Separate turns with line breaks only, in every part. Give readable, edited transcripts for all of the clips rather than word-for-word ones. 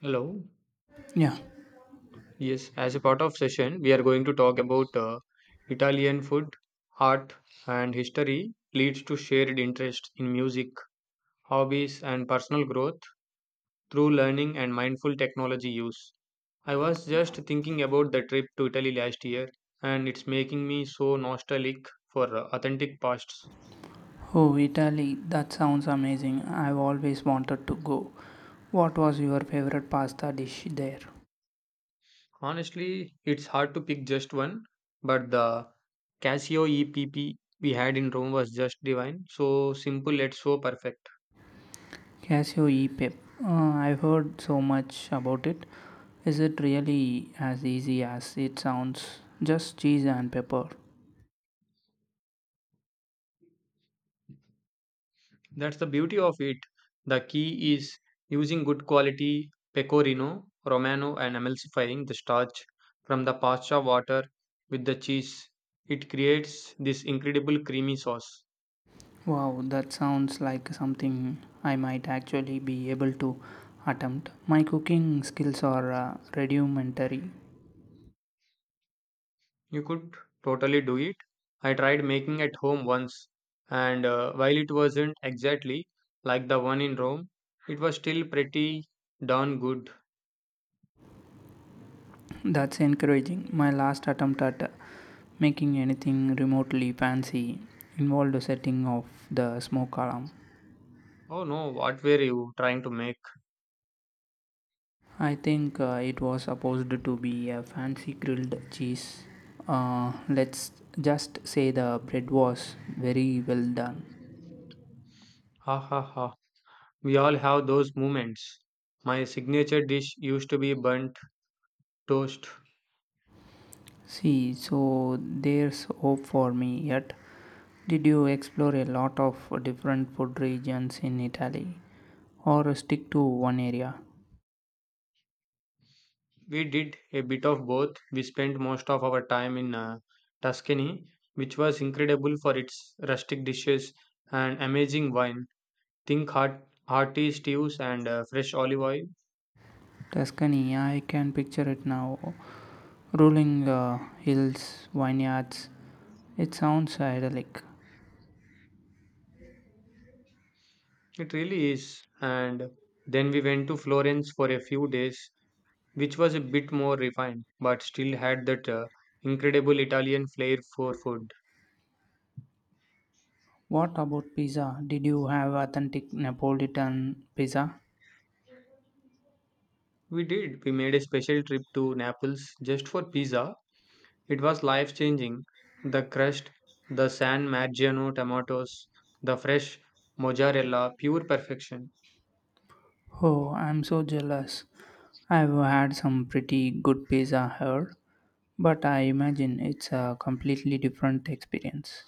Hello.
Yeah.
Yes, as a part of session, we are going to talk about Italian food, art, and history leads to shared interest in music, hobbies, and personal growth through learning and mindful technology use. I was just thinking about the trip to Italy last year, and it's making me so nostalgic for authentic pasts.
Oh, Italy, that sounds amazing. I've always wanted to go. What was your favorite pasta dish there?
Honestly, it's hard to pick just one, but the Casio EPP we had in Rome was just divine, so simple yet so perfect.
Casio e pepe. I've heard so much about it. Is it really as easy as it sounds? Just cheese and pepper.
That's the beauty of it. The key is using good quality pecorino romano and emulsifying the starch from the pasta water with the cheese. It creates this incredible creamy sauce.
Wow, that sounds like something I might actually be able to attempt. My cooking skills are rudimentary.
You could totally do it. I tried making at home once, and while it wasn't exactly like the one in Rome, it was still pretty darn good.
That's encouraging. My last attempt at making anything remotely fancy involved the setting of the smoke alarm.
Oh no, what were you trying to make?
I think it was supposed to be a fancy grilled cheese. Let's just say the bread was very well done.
Ha ha ha. We all have those moments. My signature dish used to be burnt toast.
See, so there's hope for me yet. Did you explore a lot of different food regions in Italy or stick to one area?
We did a bit of both. We spent most of our time in Tuscany, which was incredible for its rustic dishes and amazing wine. Think hearty stews and fresh olive oil.
Tuscany, I can picture it now. Rolling hills, vineyards. It sounds idyllic.
It really is. And then we went to Florence for a few days, which was a bit more refined, but still had that incredible Italian flair for food.
What about pizza? Did you have authentic Neapolitan pizza?
We did. We made a special trip to Naples just for pizza. It was life changing. The crust, the San Margino tomatoes, the fresh mozzarella, pure perfection.
Oh, I'm so jealous. I've had some pretty good pizza here, but I imagine it's a completely different experience.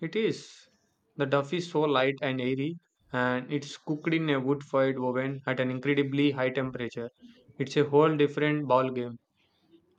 It is. The duff is so light and airy, and it's cooked in a wood fired oven at an incredibly high temperature. It's a whole different ball game.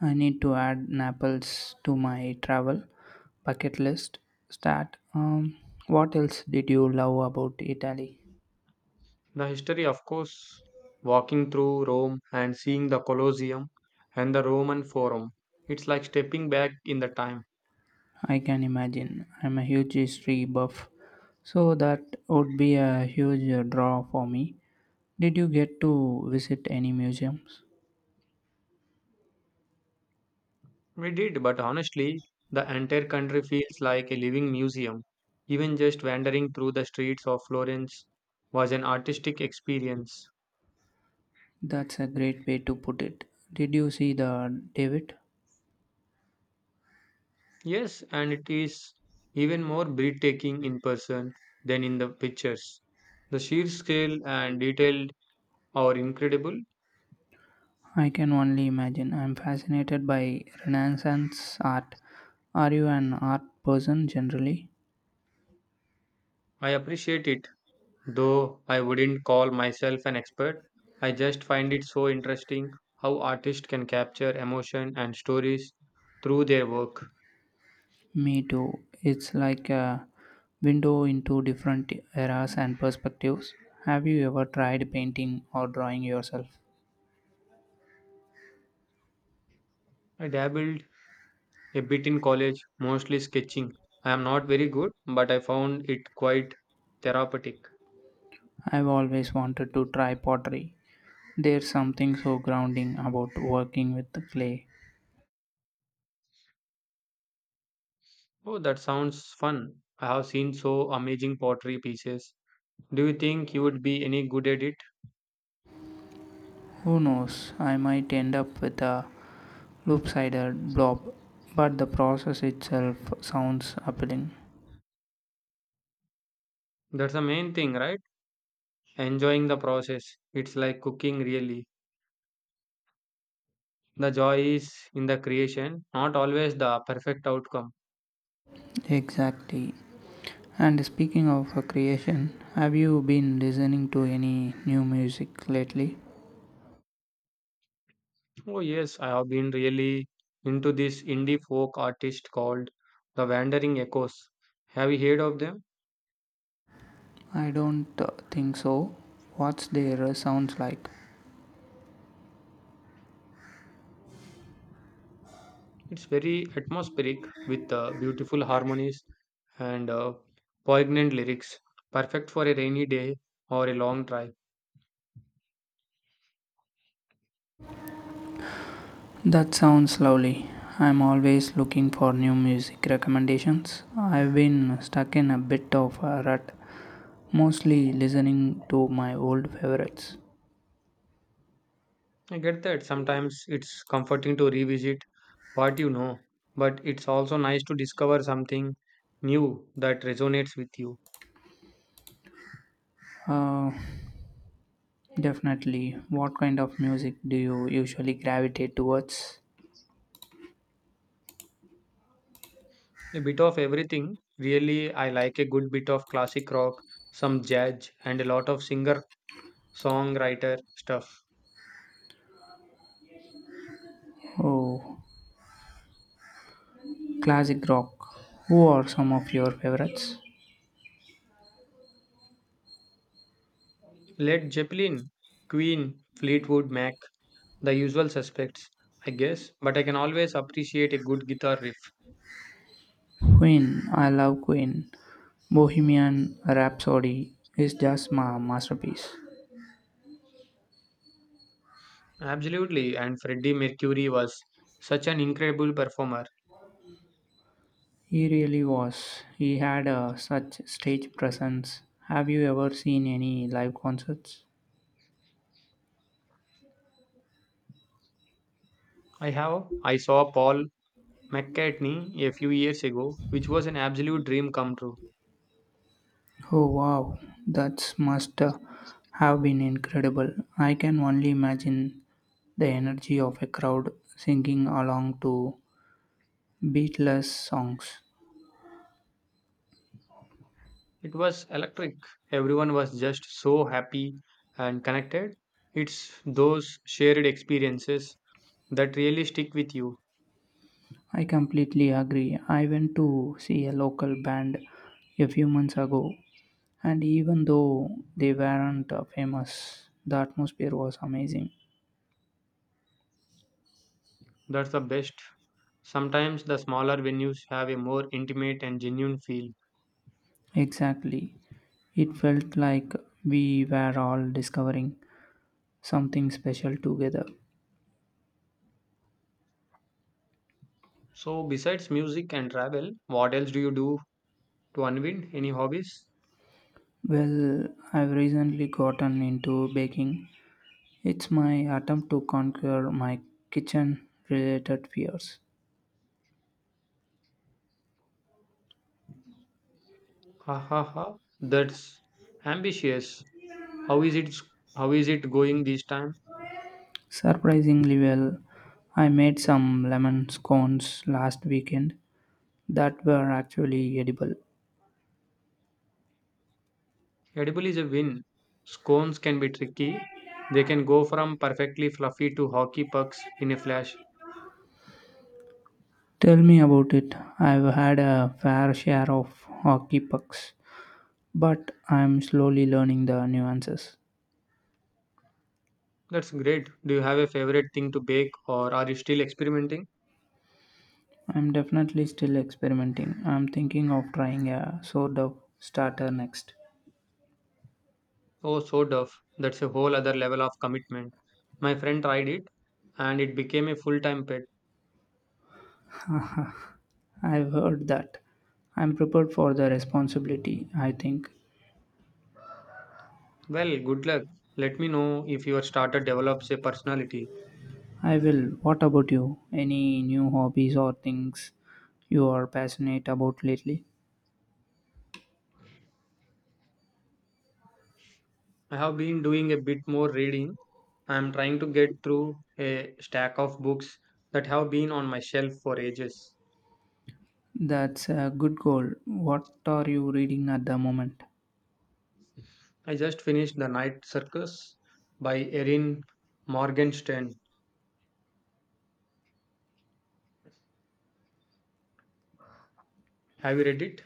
I need to add Naples to my travel bucket list. Start. What else did you love about Italy?
The history, of course, walking through Rome and seeing the Colosseum and the Roman Forum. It's like stepping back in the time.
I can imagine. I'm a huge history buff, so that would be a huge draw for me. Did you get to visit any museums?
We did, but honestly, the entire country feels like a living museum. Even just wandering through the streets of Florence was an artistic experience.
That's a great way to put it. Did you see the David?
Yes, and it is even more breathtaking in person than in the pictures. The sheer scale and detail are incredible.
I can only imagine. I'm fascinated by Renaissance art. Are you an art person generally?
I appreciate it, though I wouldn't call myself an expert. I just find it so interesting how artists can capture emotion and stories through their work.
Me too. It's like a window into different eras and perspectives. Have you ever tried painting or drawing yourself?
I dabbled a bit in college, mostly sketching. I am not very good, but I found it quite therapeutic.
I've always wanted to try pottery. There's something so grounding about working with the clay.
Oh, that sounds fun. I have seen so amazing pottery pieces. Do you think you would be any good at it?
Who knows, I might end up with a loop sided blob, but the process itself sounds appealing.
That's the main thing, right? Enjoying the process. It's like cooking, really. The joy is in the creation, not always the perfect outcome.
Exactly. And speaking of creation, have you been listening to any new music lately?
Oh, yes, I have been really into this indie folk artist called the Wandering Echoes. Have you heard of them?
I don't think so. What's their sounds like?
It's very atmospheric with beautiful harmonies and poignant lyrics, perfect for a rainy day or a long drive.
That sounds lovely. I'm always looking for new music recommendations. I've been stuck in a bit of a rut, mostly listening to my old favorites.
I get that sometimes it's comforting to revisit what you know, but it's also nice to discover something new that resonates with you.
Uh, Definitely. What kind of music do you usually gravitate towards?
A bit of everything. Really, I like a good bit of classic rock, some jazz, and a lot of singer songwriter stuff.
Oh, classic rock. Who are some of your favorites?
Led Zeppelin, Queen, Fleetwood Mac, the usual suspects, I guess, but I can always appreciate a good guitar riff.
Queen. I love Queen. Bohemian Rhapsody is just my masterpiece.
Absolutely, and Freddie Mercury was such an incredible performer.
He really was. He had such stage presence. Have you ever seen any live concerts?
I saw Paul McCartney a few years ago, which was an absolute dream come true.
Oh wow, that must have been incredible. I can only imagine the energy of a crowd singing along to beatless songs.
It was electric. Everyone was just so happy and connected. It's those shared experiences that really stick with you.
I completely agree. I went to see a local band a few months ago, and even though they weren't famous, the atmosphere was amazing.
That's the best. Sometimes the smaller venues have a more intimate and genuine feel.
Exactly. It felt like we were all discovering something special together.
So, besides music and travel, what else do you do to unwind? Any hobbies?
Well, I've recently gotten into baking. It's my attempt to conquer my kitchen related fears.
Ha ha ha. That's ambitious. How is it? How is it going this time?
Surprisingly well, I made some lemon scones last weekend that were actually edible.
Edible is a win. Scones can be tricky. They can go from perfectly fluffy to hockey pucks in a flash.
Tell me about it. I've had a fair share of hockey pucks, but I'm slowly learning the nuances.
That's great. Do you have a favorite thing to bake, or are you still experimenting?
I'm definitely still experimenting. I'm thinking of trying a sourdough starter next.
Oh, so tough. That's a whole other level of commitment. My friend tried it, and it became a full-time pet.
I've heard that. I'm prepared for the responsibility, I think.
Well, good luck. Let me know if your starter develops a personality.
I will. What about you? Any new hobbies or things you are passionate about lately?
I have been doing a bit more reading. I am trying to get through a stack of books that have been on my shelf for ages.
That's a good goal. What are you reading at the moment?
I just finished The Night Circus by Erin Morgenstern. Have you read it?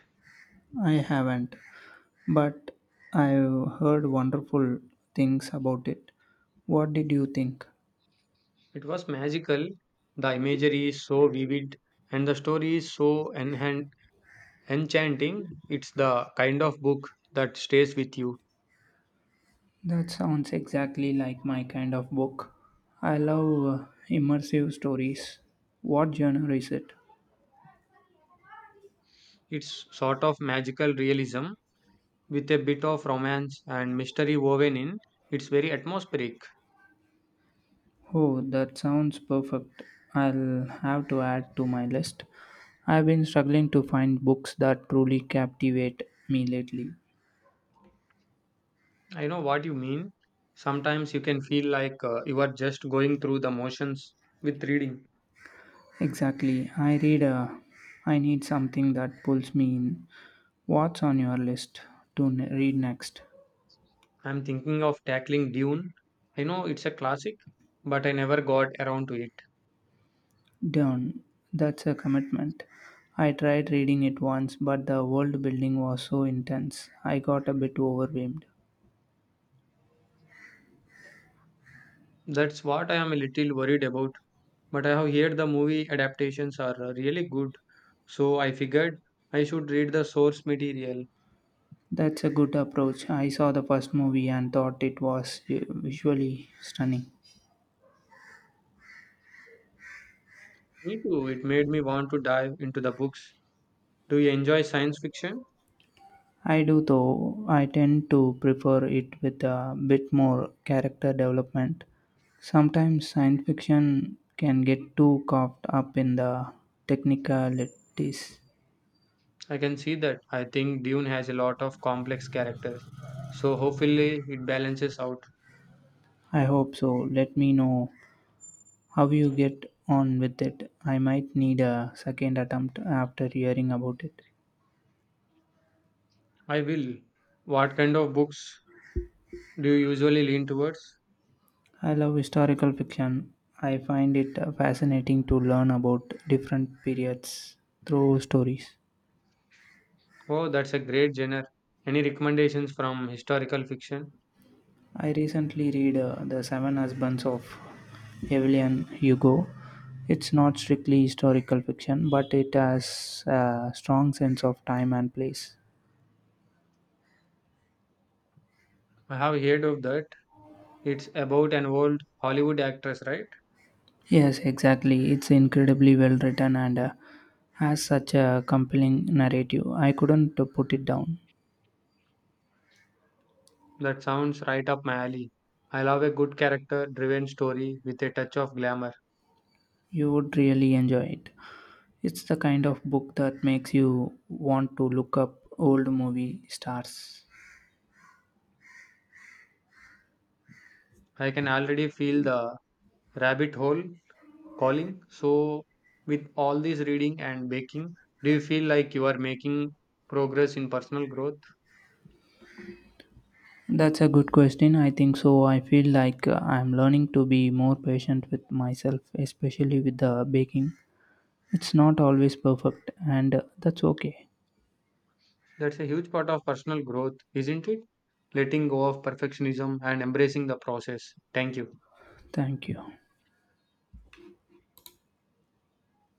I haven't, but I've heard wonderful things about it. What did you think?
It was magical. The imagery is so vivid and the story is so enchanting. It's the kind of book that stays with you.
That sounds exactly like my kind of book. I love immersive stories. What genre is it?
It's sort of magical realism with a bit of romance and mystery woven in. It's very atmospheric.
Oh, that sounds perfect. I'll have to add to my list. I've been struggling to find books that truly captivate me lately.
I know what you mean. Sometimes you can feel like you are just going through the motions with reading.
Exactly. I read a. I need something that pulls me in. What's on your list to read next?
I'm thinking of tackling Dune. I know it's a classic, but I never got around to it.
Done. That's a commitment. I tried reading it once, but the world building was so intense, I got a bit overwhelmed.
That's what I am a little worried about. But I have heard the movie adaptations are really good, so I figured I should read the source material.
That's a good approach. I saw the first movie and thought it was visually stunning.
Me too, it made me want to dive into the books. Do you enjoy science fiction?
I do, though, I tend to prefer it with a bit more character development. Sometimes science fiction can get too caught up in the technicalities.
I can see that. I think Dune has a lot of complex characters, so hopefully it balances out.
I hope so. Let me know how you get on with it? I might need a second attempt after hearing about it.
I will. What kind of books do you usually lean towards?
I love historical fiction. I find it fascinating to learn about different periods through stories.
Oh, that's a great genre. Any recommendations from historical fiction?
I recently read The Seven Husbands of Evelyn Hugo. It's not strictly historical fiction, but it has a strong sense of time and place.
I have heard of that. It's about an old Hollywood actress, right?
Yes, exactly. It's incredibly well written and has such a compelling narrative. I couldn't put it down.
That sounds right up my alley. I love a good character driven story with a touch of glamour.
You would really enjoy it. It's the kind of book that makes you want to look up old movie stars.
I can already feel the rabbit hole calling. So, with all this reading and baking, do you feel like you are making progress in personal growth?
That's a good question. I think so. I feel like I'm learning to be more patient with myself, especially with the baking. It's not always perfect, and that's okay.
That's a huge part of personal growth, isn't it? Letting go of perfectionism and embracing the process. Thank you.
Thank you.